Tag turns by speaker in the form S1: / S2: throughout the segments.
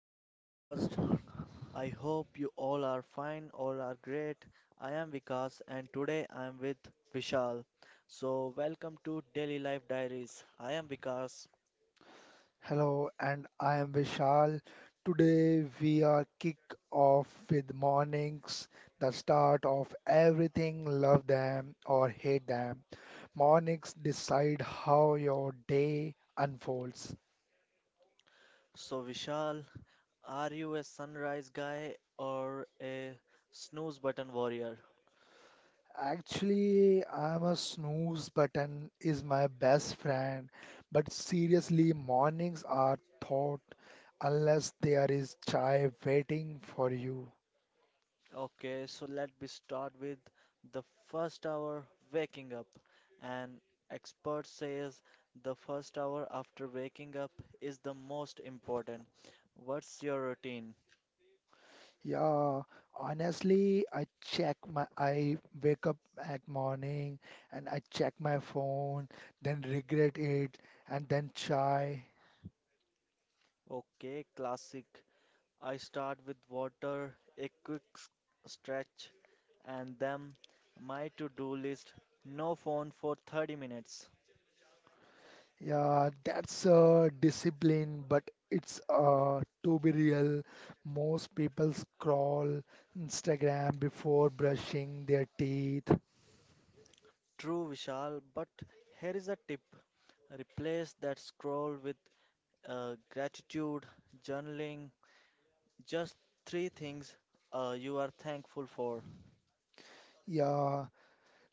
S1: our podcast. I hope you all are fine, all are great. I am Vikas, and today I am with Vishal. So, welcome to Daily Life Diaries. I am Vikas.
S2: Hello, and I am Vishal. Today we are kick off with mornings, the start of everything. Love them or hate them. Mornings decide how your day unfolds.
S1: So, Vishal, are you a sunrise guy or a snooze button warrior?
S2: Actually, I'm a snooze button is my best friend, but seriously, mornings are thought unless there is chai waiting for you.
S1: Okay, so let me start with the first hour waking up. An expert says the first hour after waking up is the most important. What's your routine?
S2: Yeah, Honestly, I wake up at morning and I check my phone, then regret it, and then try.
S1: Okay, classic. I start with water, a quick stretch, and then my to-do list. No phone for 30 minutes.
S2: Yeah, that's discipline, but it's to be real. Most people scroll Instagram before brushing their teeth.
S1: True, Vishal, but here is a tip. Replace that scroll with gratitude, journaling, just three things you are thankful for.
S2: Yeah,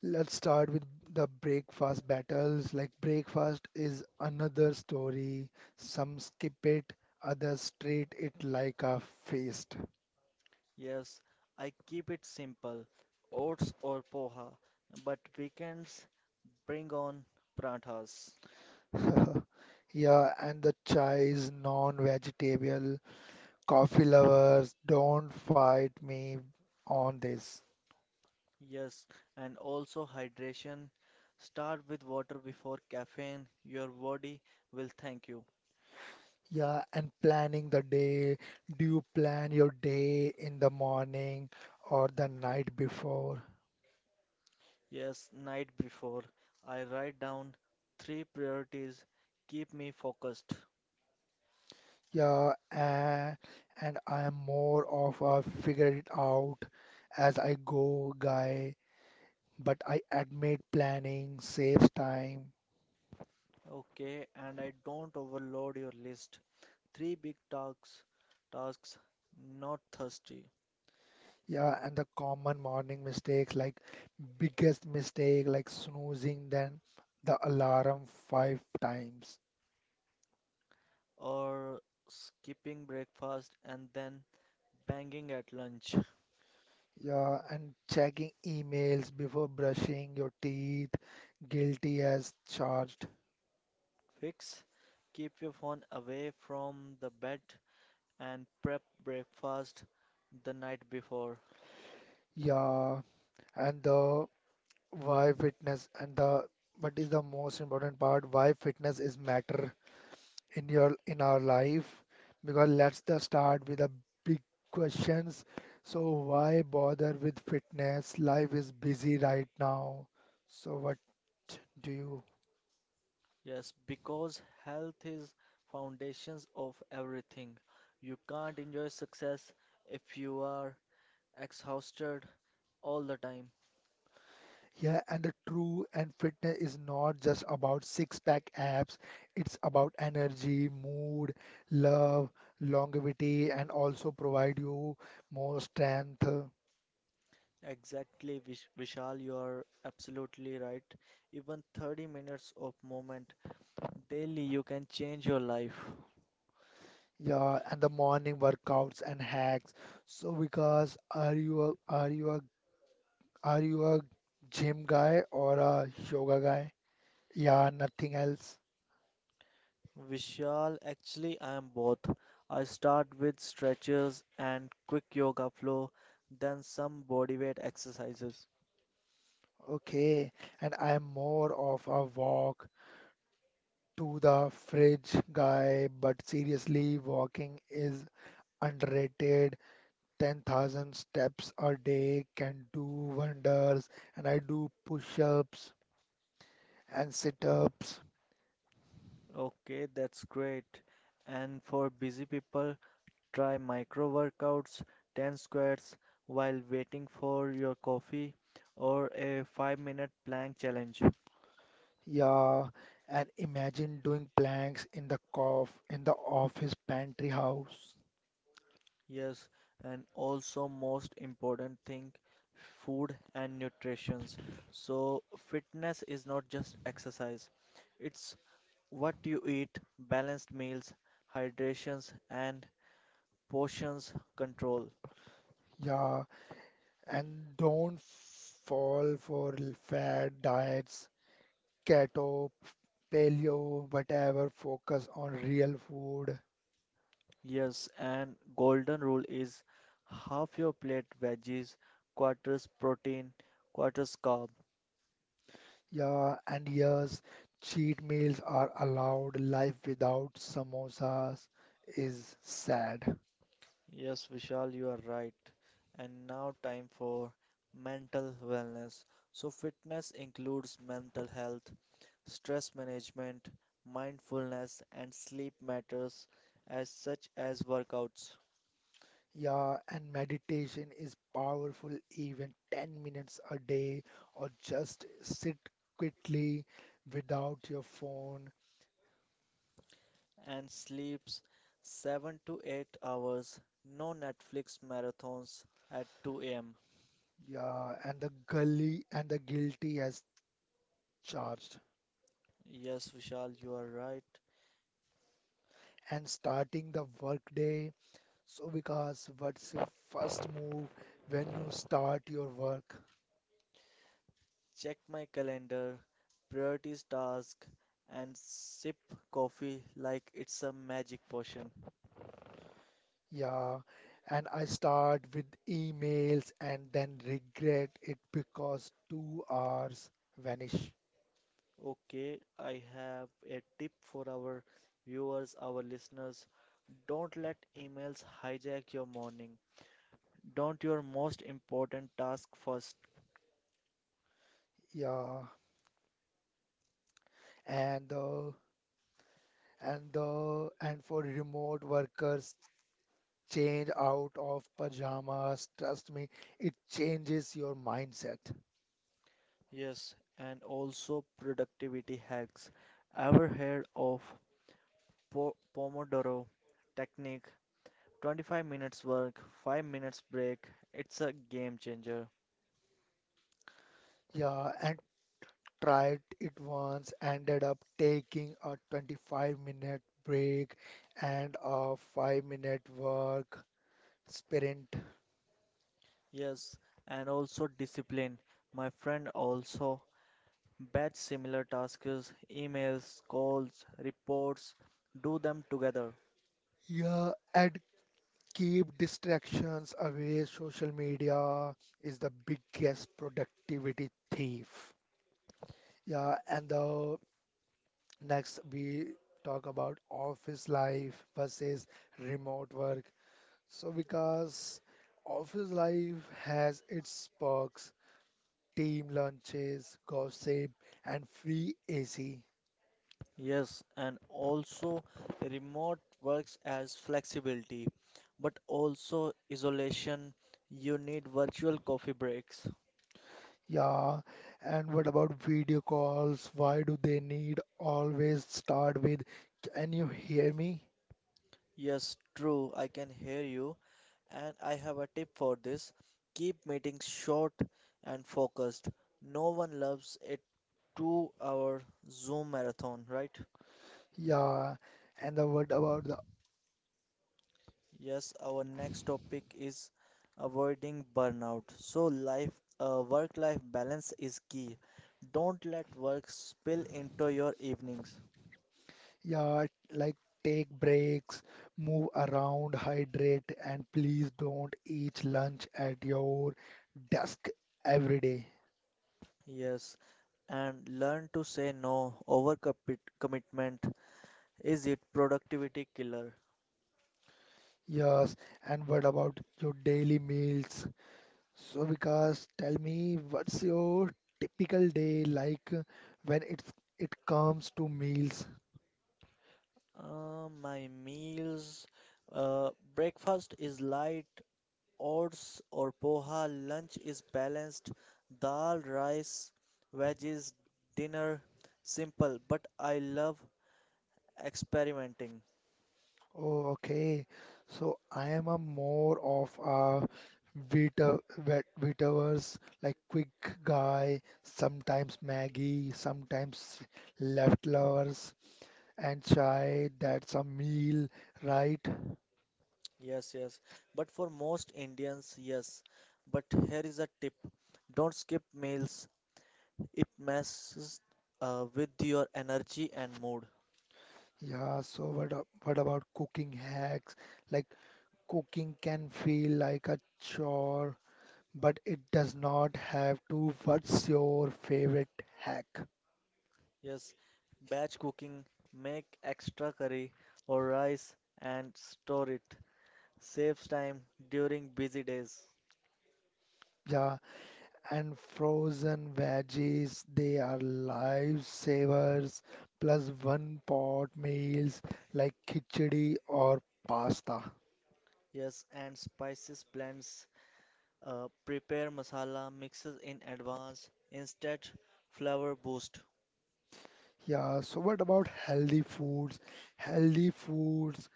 S2: let's start with the breakfast battles. Like breakfast is another story. Some skip it, others treat it like a feast.
S1: Yes, I keep it simple oats or poha, but weekends bring on pranthas.
S2: Yeah, and the chai is non-vegetable. Coffee lovers, don't fight me on this.
S1: Yes, and also hydration. Start with water before caffeine, your body will thank you.
S2: Yeah, and planning the day. Do you plan your day in the morning or the night before?
S1: Yes, night before, I write down three priorities keep me focused.
S2: Yeah, and I am more of a figure it out as I go guy, but I admit planning saves time.
S1: Okay, and I don't overload your list. Three big tasks, not thirsty,
S2: Yeah, and the common morning mistakes, like biggest mistake, like snoozing then the alarm five times.
S1: or skipping breakfast and then banging at lunch.
S2: Yeah, and checking emails before brushing your teeth, guilty as charged.
S1: Fix, keep your phone away from the bed and prep breakfast the night before.
S2: Yeah, and the why fitness and the what is the most important part? Why fitness is matter in your in our life? Because let's the start with the big questions. So why bother with fitness? Life is busy right now. So what do you?
S1: Yes, because health is foundations of everything. You can't enjoy success if you are exhausted all the time.
S2: Yeah, and the true and fitness is not just about six-pack abs. It's about energy, mood, love, longevity, and also provide you more strength.
S1: Exactly, Vishal, you are absolutely right. Even 30 minutes of movement daily, you can change your life.
S2: Yeah, and the morning workouts and hacks. So because are you a gym guy or a yoga guy? Yeah, nothing else.
S1: Vishal, actually, I am both. I start with stretches and quick yoga flow, then some bodyweight exercises.
S2: Okay. And I am more of a walk to the fridge guy, but seriously, walking is underrated. 10,000 steps a day can do wonders, and I do push-ups and sit-ups.
S1: Okay, that's great. And for busy people, try micro workouts, 10 squats while waiting for your coffee, or a 5-minute plank challenge.
S2: Yeah, and imagine doing planks in the cof in the office pantry house.
S1: Yes, and also most important thing, food and nutritions. So fitness is not just exercise. It's what you eat, balanced meals, hydrations and portions control.
S2: Yeah, and don't fall for fad diets, keto, paleo, whatever. Focus on real food.
S1: Yes, and golden rule is half your plate veggies, quarters protein, quarters carb.
S2: Yeah, and yes, cheat meals are allowed. Life without samosas is sad.
S1: Yes, Vishal, you are right. And now, time for mental wellness. So, fitness includes mental health, stress management, mindfulness, and sleep matters, as such as workouts
S2: Yeah, and meditation is powerful, even 10 minutes a day or just sit quietly without your phone.
S1: and sleeps, 7 to 8 hours, no Netflix marathons at 2 a.m.
S2: Yeah, and the guilty as charged.
S1: Yes, Vishal, you are right.
S2: And starting the workday. So because what's your first move when you start your work?
S1: Check my calendar, prioritize tasks, and sip coffee like it's a magic potion.
S2: Yeah, and I start with emails and then regret it because 2 hours vanish.
S1: Okay, I have a tip for our viewers, our listeners. Don't let emails hijack your morning. Don't your most important task first.
S2: Yeah, and uh, and for remote workers, change out of pajamas. Trust me, it changes your mindset.
S1: Yes, and also productivity hacks. Ever heard of Pomodoro technique? 25 minutes work, 5 minutes break. It's a game changer.
S2: Yeah, and tried it once, ended up taking a 25-minute break and a 5-minute work sprint.
S1: Yes, and also discipline. My friend also batch similar tasks, emails, calls, reports, do them together.
S2: Yeah, and keep distractions away. Social media is the biggest productivity thief. Yeah, and the next, we talk about office life versus remote work. So because office life has its perks: team lunches, gossip, and free AC.
S1: Yes, and also remote works as flexibility, but also isolation. You need virtual coffee breaks.
S2: Yeah, and what about video calls? Why do they need always start with, can you hear me?
S1: Yes, true, I can hear you, and I have a tip for this. Keep meetings short and focused. No one loves a To our Zoom marathon, right?
S2: Yeah, and the what about
S1: Yes, our next topic is avoiding burnout. So life, work-life balance is key. Don't let work spill into your evenings.
S2: yeah, like take breaks, move around, hydrate, and please don't eat lunch at your desk every day.
S1: Yes, and learn to say no. Overcommitment is it productivity killer.
S2: Yes, and what about your daily meals? So, Vikas, tell me what's your typical day like when it comes to meals?
S1: My meals, uh, breakfast is light, oats or poha, lunch is balanced, dal, rice, veggies, dinner, simple, but I love experimenting.
S2: Oh, okay. So I am a more of a Vitaverse, like quick guy, sometimes Maggie, sometimes leftovers and chai. That's a meal, right?
S1: Yes, yes. But for most Indians, yes. But here is a tip. Don't skip meals. It messes with your energy and mood.
S2: Yeah. So what, what about cooking hacks? Like cooking can feel like a chore, but it does not have to. What's your favorite hack?
S1: Yes. Batch cooking, make extra curry or rice and store it. Saves time during busy days.
S2: Yeah, and frozen veggies. They are lifesavers, plus one pot meals like khichdi or pasta.
S1: Yes, and spices blends prepare masala mixes in advance instead flavor boost.
S2: Yeah, so what about healthy foods? Healthy foods,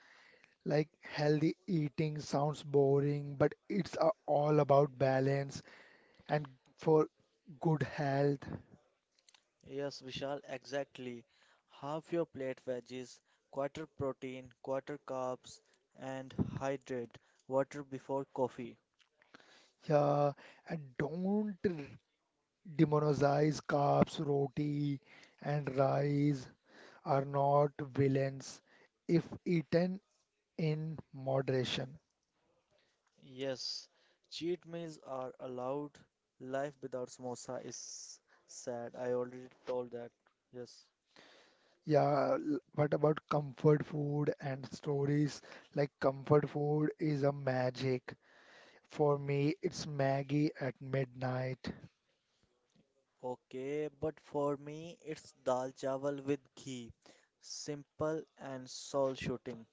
S2: like healthy eating sounds boring, but it's all about balance and for good health.
S1: Yes, Vishal, exactly. Half your plate veggies, quarter protein, quarter carbs, and hydrate water before coffee.
S2: Yeah, and don't demonize carbs, roti, and rice are not villains if eaten in moderation.
S1: Yes, cheat meals are allowed. Life without samosa is sad. I already told that. Yes.
S2: Yeah, what about comfort food and stories? Like comfort food is a magic. For me, it's Maggie at midnight.
S1: Okay, but for me, it's dal chawal with ghee. Simple and soul shooting.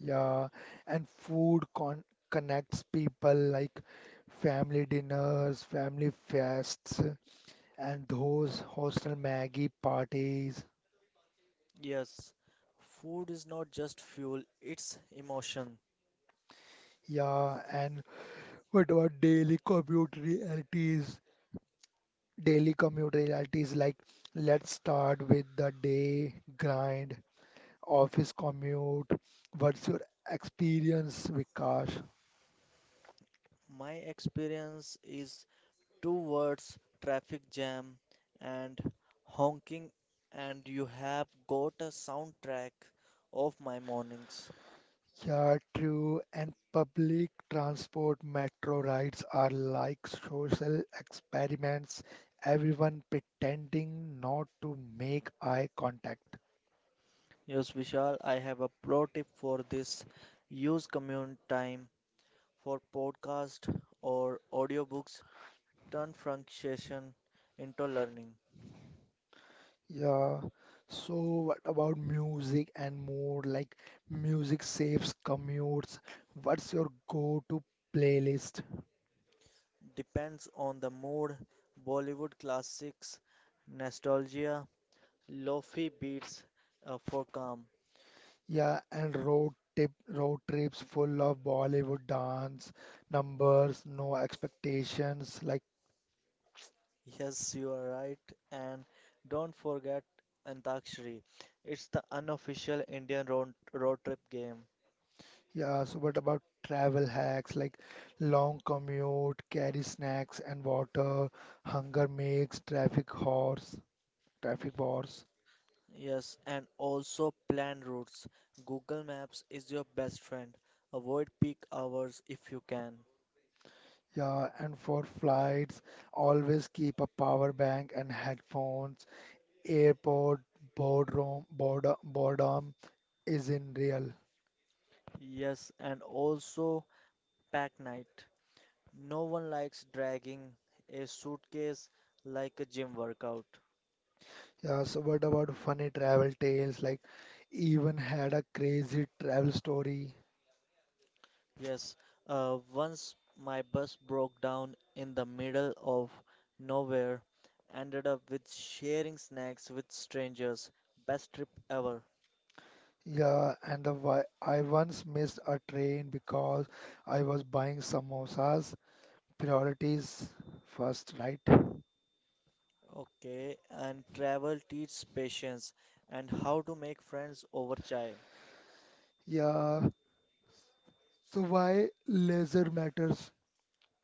S2: Yeah, and food con connects people like family dinners, family fests, and those hostel Maggie parties.
S1: Yes, food is not just fuel, it's emotion.
S2: Yeah, and what about daily commute realities? Daily commute realities, like let's start with the day grind, office commute. What's your experience, Vikash?
S1: My experience is two words, traffic jam and honking, and you have got a soundtrack of my mornings.
S2: Yeah, true, and public transport, metro rides are like social experiments, everyone pretending not to make eye contact.
S1: Yes, Vishal, I have a pro tip for this. Use commute time for podcast or audiobooks. Turn frustration into learning.
S2: Yeah, so what about music and more? Like music saves commutes. What's your go-to playlist?
S1: Depends on the mood, Bollywood classics, nostalgia, lofi beats for calm.
S2: Yeah, and road trips full of Bollywood dance, numbers, no expectations. Like,
S1: Yes, you are right. And don't forget Antakshari. It's the unofficial Indian road trip game.
S2: yeah, so what about travel hacks? Like long commute, carry snacks and water, hunger makes traffic bars.
S1: Yes, and also plan routes. Google Maps is your best friend. Avoid peak hours if you can.
S2: Yeah, and for flights, always keep a power bank and headphones. Airport, boredom isn't real.
S1: Yes, and also pack night. No one likes dragging a suitcase like a gym workout.
S2: Yeah, so what about funny travel tales? Like, even had a crazy travel story.
S1: Yes, once my bus broke down in the middle of nowhere, ended up with sharing snacks with strangers. Best trip ever.
S2: Yeah, and I once missed a train because I was buying samosas. Priorities first, right?
S1: Okay, and travel teaches patience and how to make friends over chai.
S2: Yeah, so why leisure matters?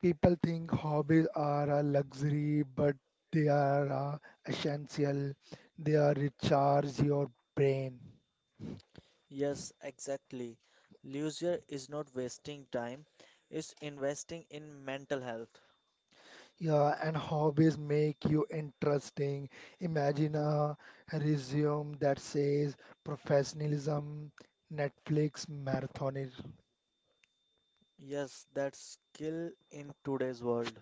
S2: People think hobbies are a luxury, but they are essential. They are recharge your brain.
S1: Yes, exactly. Leisure is not wasting time, it's investing in mental health.
S2: Yeah, and hobbies make you interesting. Imagine a resume that says professionalism, Netflix marathoner.
S1: Yes, that's skill in today's world.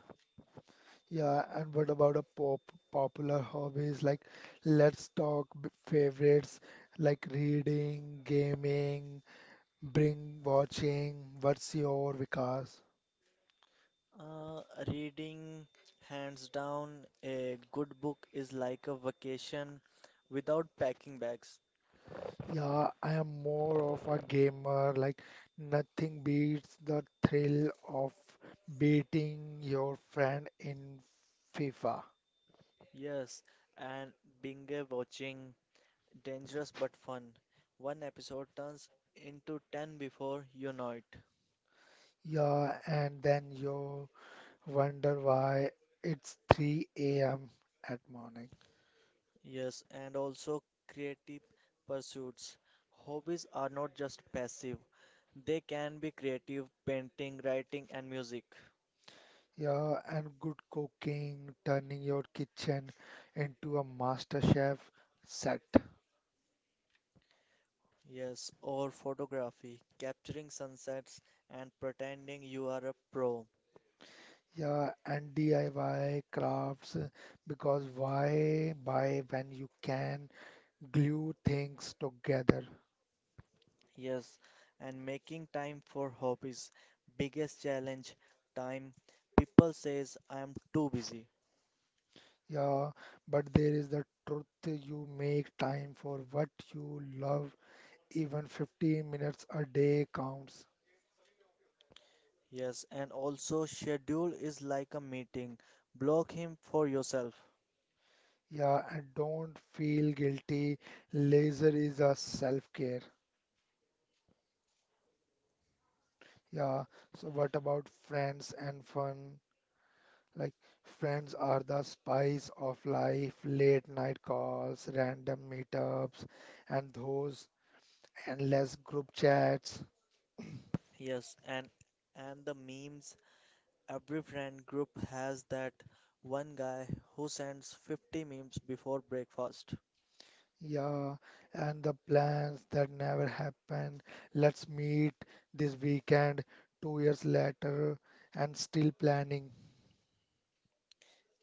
S2: Yeah, and what about a pop popular hobbies? Like let's talk favorites like reading, gaming, bring watching. What's your, Vikas?
S1: Reading, hands down, a good book is like a vacation without packing bags.
S2: Yeah, I am more of a gamer. Like, nothing beats the thrill of beating your friend in FIFA.
S1: Yes, and binge watching, dangerous but fun. One episode turns into 10 before you know it.
S2: Yeah, and then you wonder why it's 3 a.m. at morning.
S1: Yes, and also creative pursuits. Hobbies are not just passive, they can be creative, painting, writing, and music.
S2: Yeah, and good cooking, turning your kitchen into a master chef set.
S1: Yes, or photography, capturing sunsets and pretending you are a pro.
S2: Yeah, and DIY crafts because why buy when you can glue things together.
S1: Yes, and making time for hobbies. Biggest challenge, time. People says I am too busy.
S2: Yeah, but there is the truth: you make time for what you love. Even 15 minutes a day counts.
S1: Yes, and also schedule is like a meeting. Block him for yourself.
S2: Yeah, and don't feel guilty. Leisure is a self-care. Yeah, so what about friends and fun? Like, friends are the spice of life, late night calls, random meetups, and those endless group chats.
S1: Yes, and the memes, every friend group has that one guy who sends 50 memes before breakfast.
S2: Yeah, and the plans that never happened. Let's meet this weekend, 2 years later, and still planning.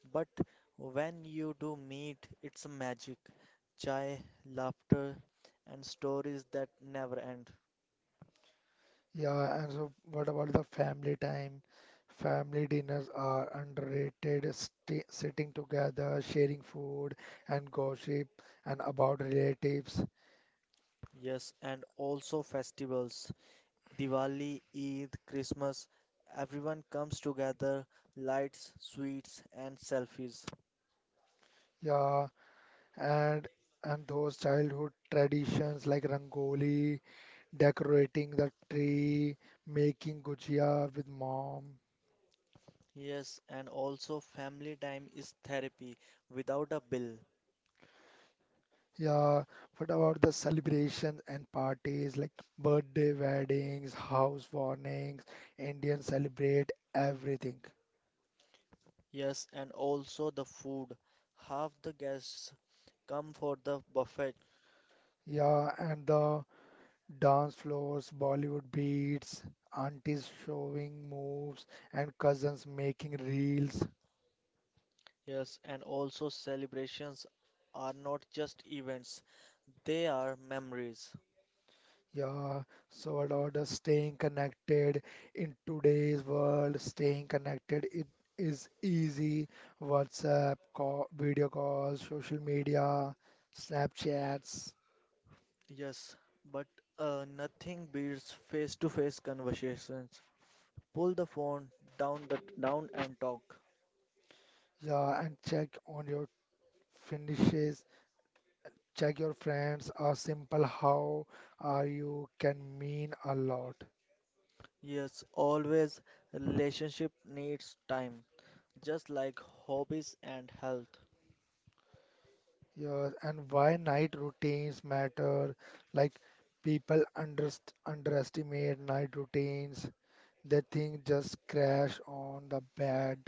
S1: But when you do meet, it's magic. Chai, laughter, and stories that never end.
S2: Yeah, and so what about the family time? Family dinners are underrated, sti sitting together, sharing food and gossip and about relatives.
S1: Yes, and also festivals. Diwali, Eid, Christmas. Everyone comes together, lights, sweets, and selfies.
S2: Yeah, and and those childhood traditions like rangoli, decorating the tree, making gujia with mom.
S1: Yes, and also family time is therapy without a bill.
S2: Yeah, what about the celebrations and parties? Like birthday, weddings, house warnings? Indians celebrate everything.
S1: Yes, and also the food. Half the guests come for the buffet.
S2: Yeah, and the dance floors, Bollywood beats, aunties showing moves, and cousins making reels.
S1: Yes, and also celebrations are not just events, they are memories.
S2: Yeah, so about us staying connected in today's world, staying connected it is easy. WhatsApp, call, video calls, social media, Snapchats,
S1: Yes, but nothing beats face-to-face conversations. Pull the phone down the down and talk.
S2: yeah, and check on your finishes, check your friends. A simple how are you can mean a lot.
S1: Yes, always relationship needs time, just like hobbies and health.
S2: Yes, and why night routines matter? Like people underst underestimate night routines. They thing just crash on the bed,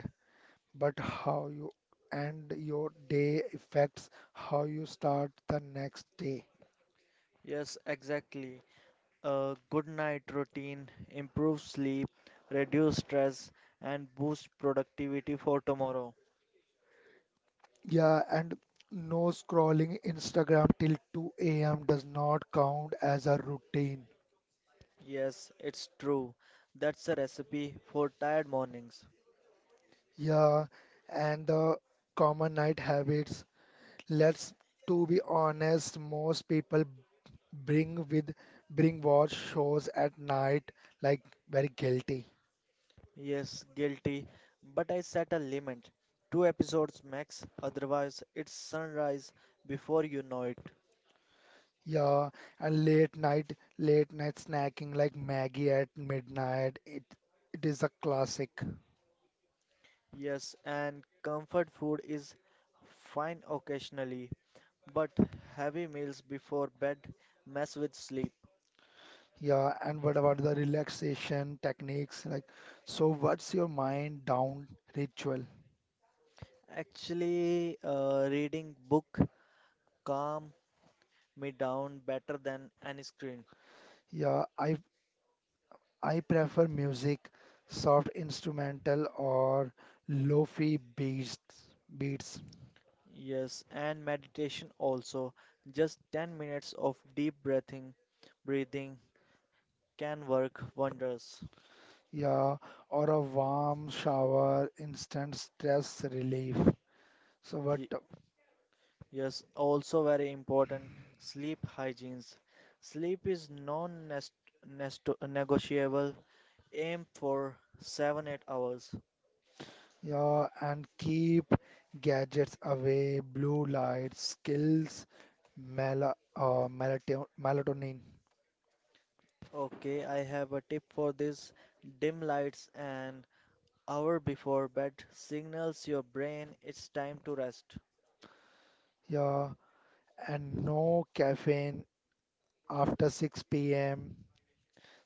S2: but how you end your day affects how you start the next day.
S1: Yes, exactly. A good night routine improves sleep, reduce stress, and boost productivity for tomorrow.
S2: Yeah, and no scrolling Instagram till 2 a.m. does not count as a routine.
S1: Yes, it's true. That's a recipe for tired mornings.
S2: Yeah, and the common night habits. Let's to be honest, most people bring with bring watch shows at night, like very guilty.
S1: Yes, guilty, but I set a limit. Two episodes max, otherwise, it's sunrise before you know it.
S2: Yeah, and late night snacking like Maggie at midnight, it is a classic.
S1: Yes, and comfort food is fine occasionally, but heavy meals before bed mess with sleep.
S2: Yeah, and what about the relaxation techniques? Like, so what's your mind down ritual?
S1: Actually, reading book calm me down better than any screen.
S2: Yeah, I prefer music, soft instrumental or lofi beats.
S1: Yes, and meditation also. Just 10 minutes of deep breathing can work wonders.
S2: Yeah, or a warm shower, instant stress relief. So what.
S1: Y- Yes, also very important, sleep hygienes. Sleep is non-negotiable. Aim for 7-8 hours.
S2: Yeah, and keep gadgets away, blue light, skills, mel uh, melatonin.
S1: Okay, I have a tip for this. Dim lights an hour before bed signals your brain it's time to rest.
S2: Yeah, and no caffeine after 6 p.m.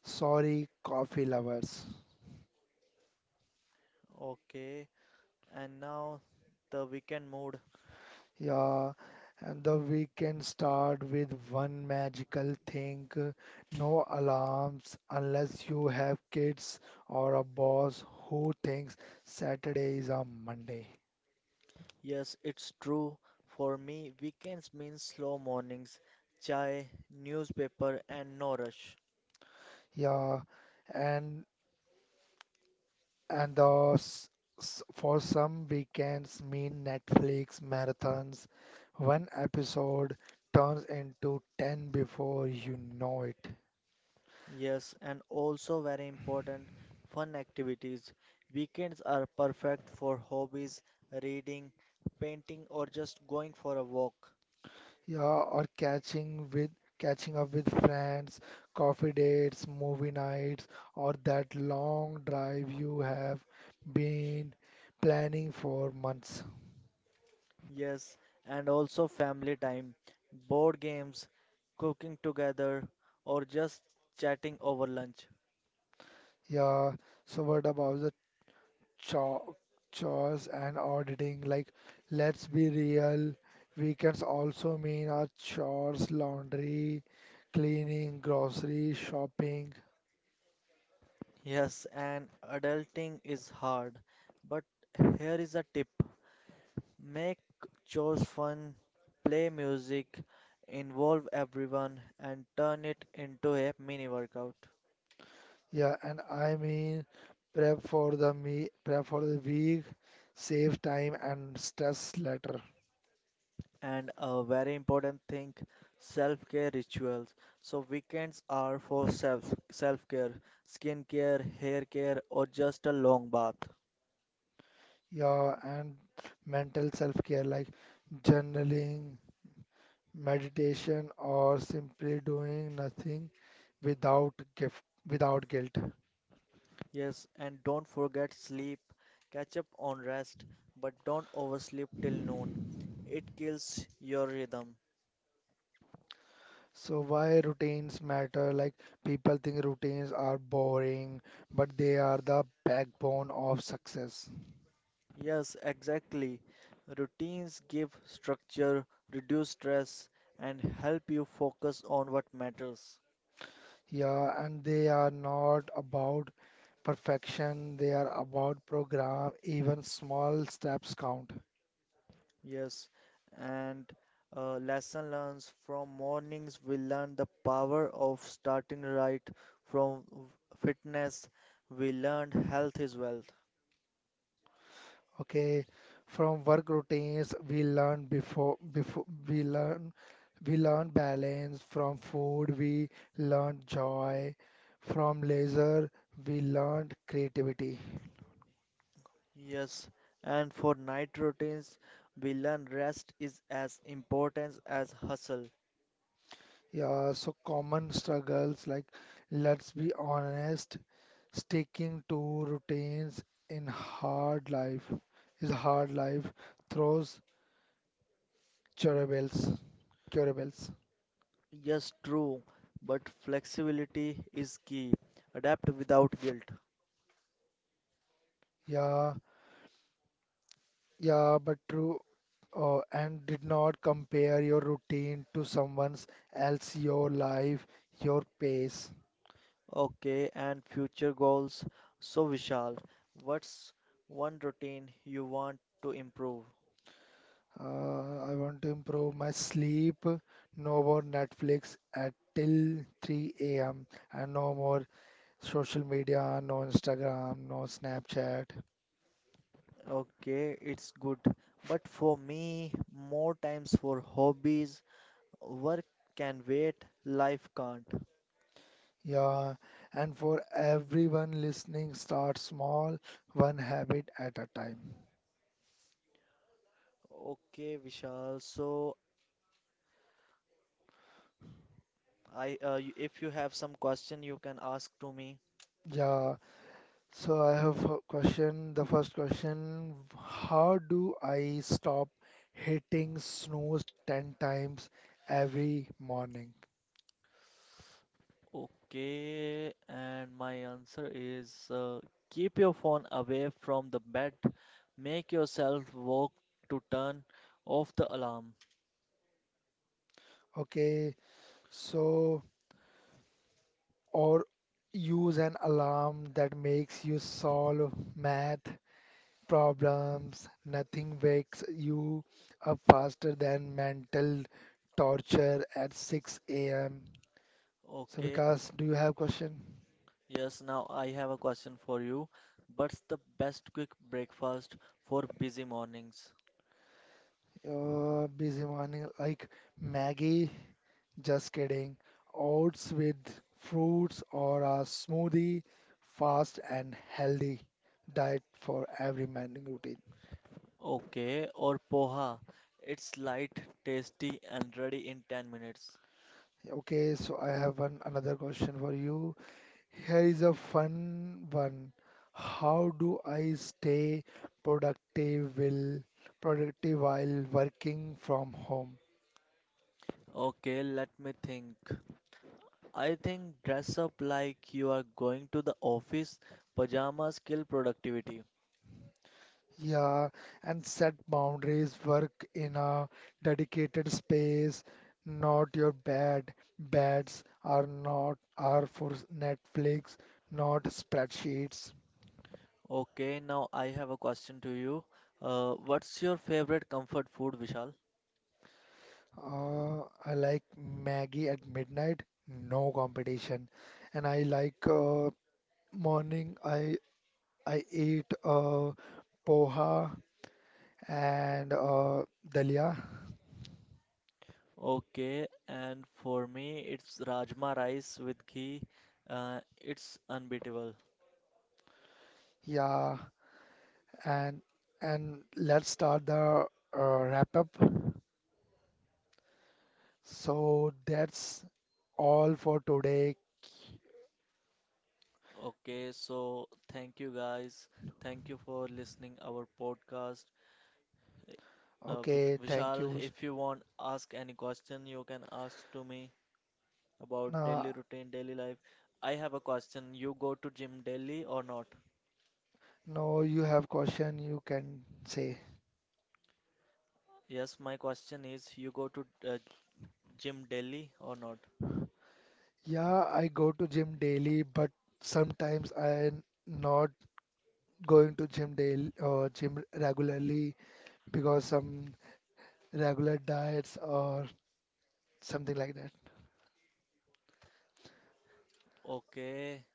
S2: Sorry, coffee lovers.
S1: Okay, and now the weekend mood.
S2: Yeah, and the weekend start with one magical thing. No alarms unless you have kids or a boss who thinks Saturday is a Monday.
S1: Yes, it's true. For me, weekends mean slow mornings, chai, newspaper, and no rush.
S2: Yeah, and And those for some weekends mean Netflix marathons. One episode turns into 10 before you know it.
S1: Yes, and also very important, fun activities. Weekends are perfect for hobbies, reading, painting, or just going for a walk.
S2: Yeah, or catching up with friends, coffee dates, movie nights, or that long drive you have been planning for months.
S1: Yes, and also family time, board games, cooking together, or just chatting over lunch.
S2: Yeah, so what about the cho- chores and auditing? Like, let's be real, weekends also mean our chores, laundry, cleaning, grocery, shopping.
S1: Yes, and adulting is hard, but here is a tip. Make chores fun, play music, involve everyone, and turn it into a mini workout.
S2: Yeah, and I mean prep for the week, save time and stress later.
S1: And a very important thing, self-care rituals. So weekends are for self-care, skin care, hair care, or just a long bath.
S2: Yeah, and mental self-care, like journaling, meditation, or simply doing nothing without guilt.
S1: Yes, and don't forget sleep. Catch up on rest, but don't oversleep till noon. It kills your rhythm.
S2: So why routines matter? Like people think routines are boring, but they are the backbone of success.
S1: Yes, exactly. Routines give structure, reduce stress, and help you focus on what matters.
S2: Yeah, and they are not about perfection, they are about program. Even small steps count.
S1: Yes, and lesson learned from mornings, we learn the power of starting right. From fitness, we learn health is wealth.
S2: Okay, from work routines we learn we learn balance. From food we learn joy. From leisure we learn creativity.
S1: Yes, and for night routines, we learn rest is as important as hustle.
S2: Yeah, so common struggles. Like, let's be honest, sticking to routines in hard life is hard. Life throws curveballs, curveballs.
S1: Yes, true, but flexibility is key. Adapt without guilt.
S2: Yeah, yeah, but true. And did not compare your routine to someone's else, your life, your pace.
S1: Okay, and future goals. So, Vishal, what's one routine you want to improve?
S2: I want to improve my sleep. No more Netflix at till 3 a.m. and no more social media, no Instagram, no Snapchat.
S1: Okay, it's good, but for me, more times for hobbies. Work can wait, life can't.
S2: Yeah, and for everyone listening, start small, one habit at a time.
S1: Okay, Vishal, so I if you have some question, you can ask to me.
S2: Yeah, so I have a question. The first question, how do I stop hitting snooze 10 times every morning?
S1: Okay, and my answer is keep your phone away from the bed. Make yourself work to turn off the alarm.
S2: Okay, so or use an alarm that makes you solve math problems. Nothing wakes you up faster than mental torture at 6 a.m. So,
S1: Okay,
S2: Vikas, do you have question?
S1: yes, now I have a question for you. What's the best quick breakfast for busy mornings?
S2: Busy morning, like Maggie? Just kidding. Oats with fruits or a smoothie, fast and healthy diet for every morning routine.
S1: Okay, or poha. It's light, tasty, and ready in 10 minutes.
S2: Okay, so I have one another question for you. Here is a fun one. How do I stay productive will productive while working from home?
S1: Okay, let me think. I think dress up like you are going to the office. Pajamas kill productivity.
S2: Yeah, and set boundaries, work in a dedicated space, not your bed. Beds are not are for Netflix, not spreadsheets.
S1: Okay, now I have a question to you. What's your favorite comfort food, Vishal?
S2: I like Maggie at midnight, no competition. And I like morning, I eat poha and dalia.
S1: Okay, and for me, it's rajma rice with ghee. It's unbeatable.
S2: Yeah, and let's start the wrap up. So that's all for today.
S1: Okay, so thank you guys. Thank you for listening our podcast. Vik-
S2: Okay, thank
S1: Vishal,
S2: you.
S1: if you want ask any question, you can ask to me, about daily
S2: Now,
S1: routine, daily life. I have a question. You go to gym daily or not?
S2: no, you have question you can say.
S1: Yes, my question is you go to gym daily or not?
S2: Yeah, I go to gym daily, but sometimes I'm not going to gym daily or gym regularly because some regular diets or something like that.
S1: Okay.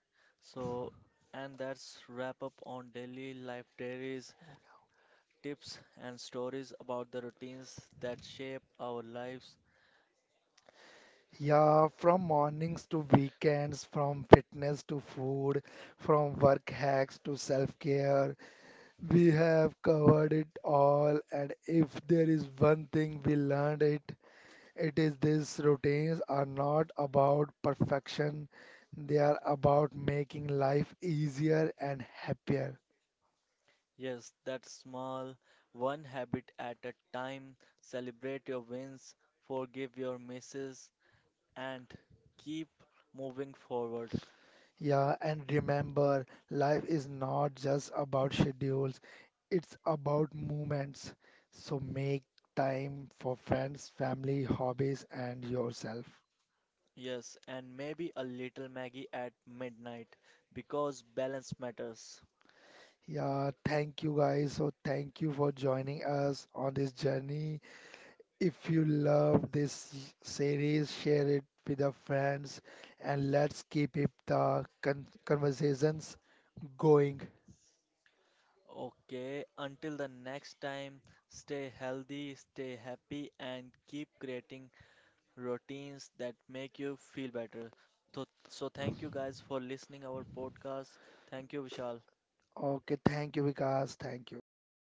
S1: So, and that's wrap up on daily life diaries, tips and stories about the routines that shape our lives.
S2: Yeah, from mornings to weekends, from fitness to food, from work hacks to self-care, we have covered it all. And if there is one thing we learned it, it is these routines are not about perfection. They are about making life easier and happier.
S1: Yes, that's small, one habit at a time. Celebrate your wins, forgive your misses, and keep moving forward.
S2: Yeah, and remember, life is not just about schedules, it's about moments. So make time for friends, family, hobbies, and yourself.
S1: Yes, and maybe a little Maggie at midnight because balance matters.
S2: Yeah, thank you guys. So thank you for joining us on this journey. If you love this series, share it with your friends and let's keep it the conversations going.
S1: Okay, until the next time, stay healthy, stay happy, and keep creating routines that make you feel better. So thank you guys for listening our podcast. Thank you, Vishal.
S2: Okay, thank you, Vikas. Thank you.
S1: Thank you.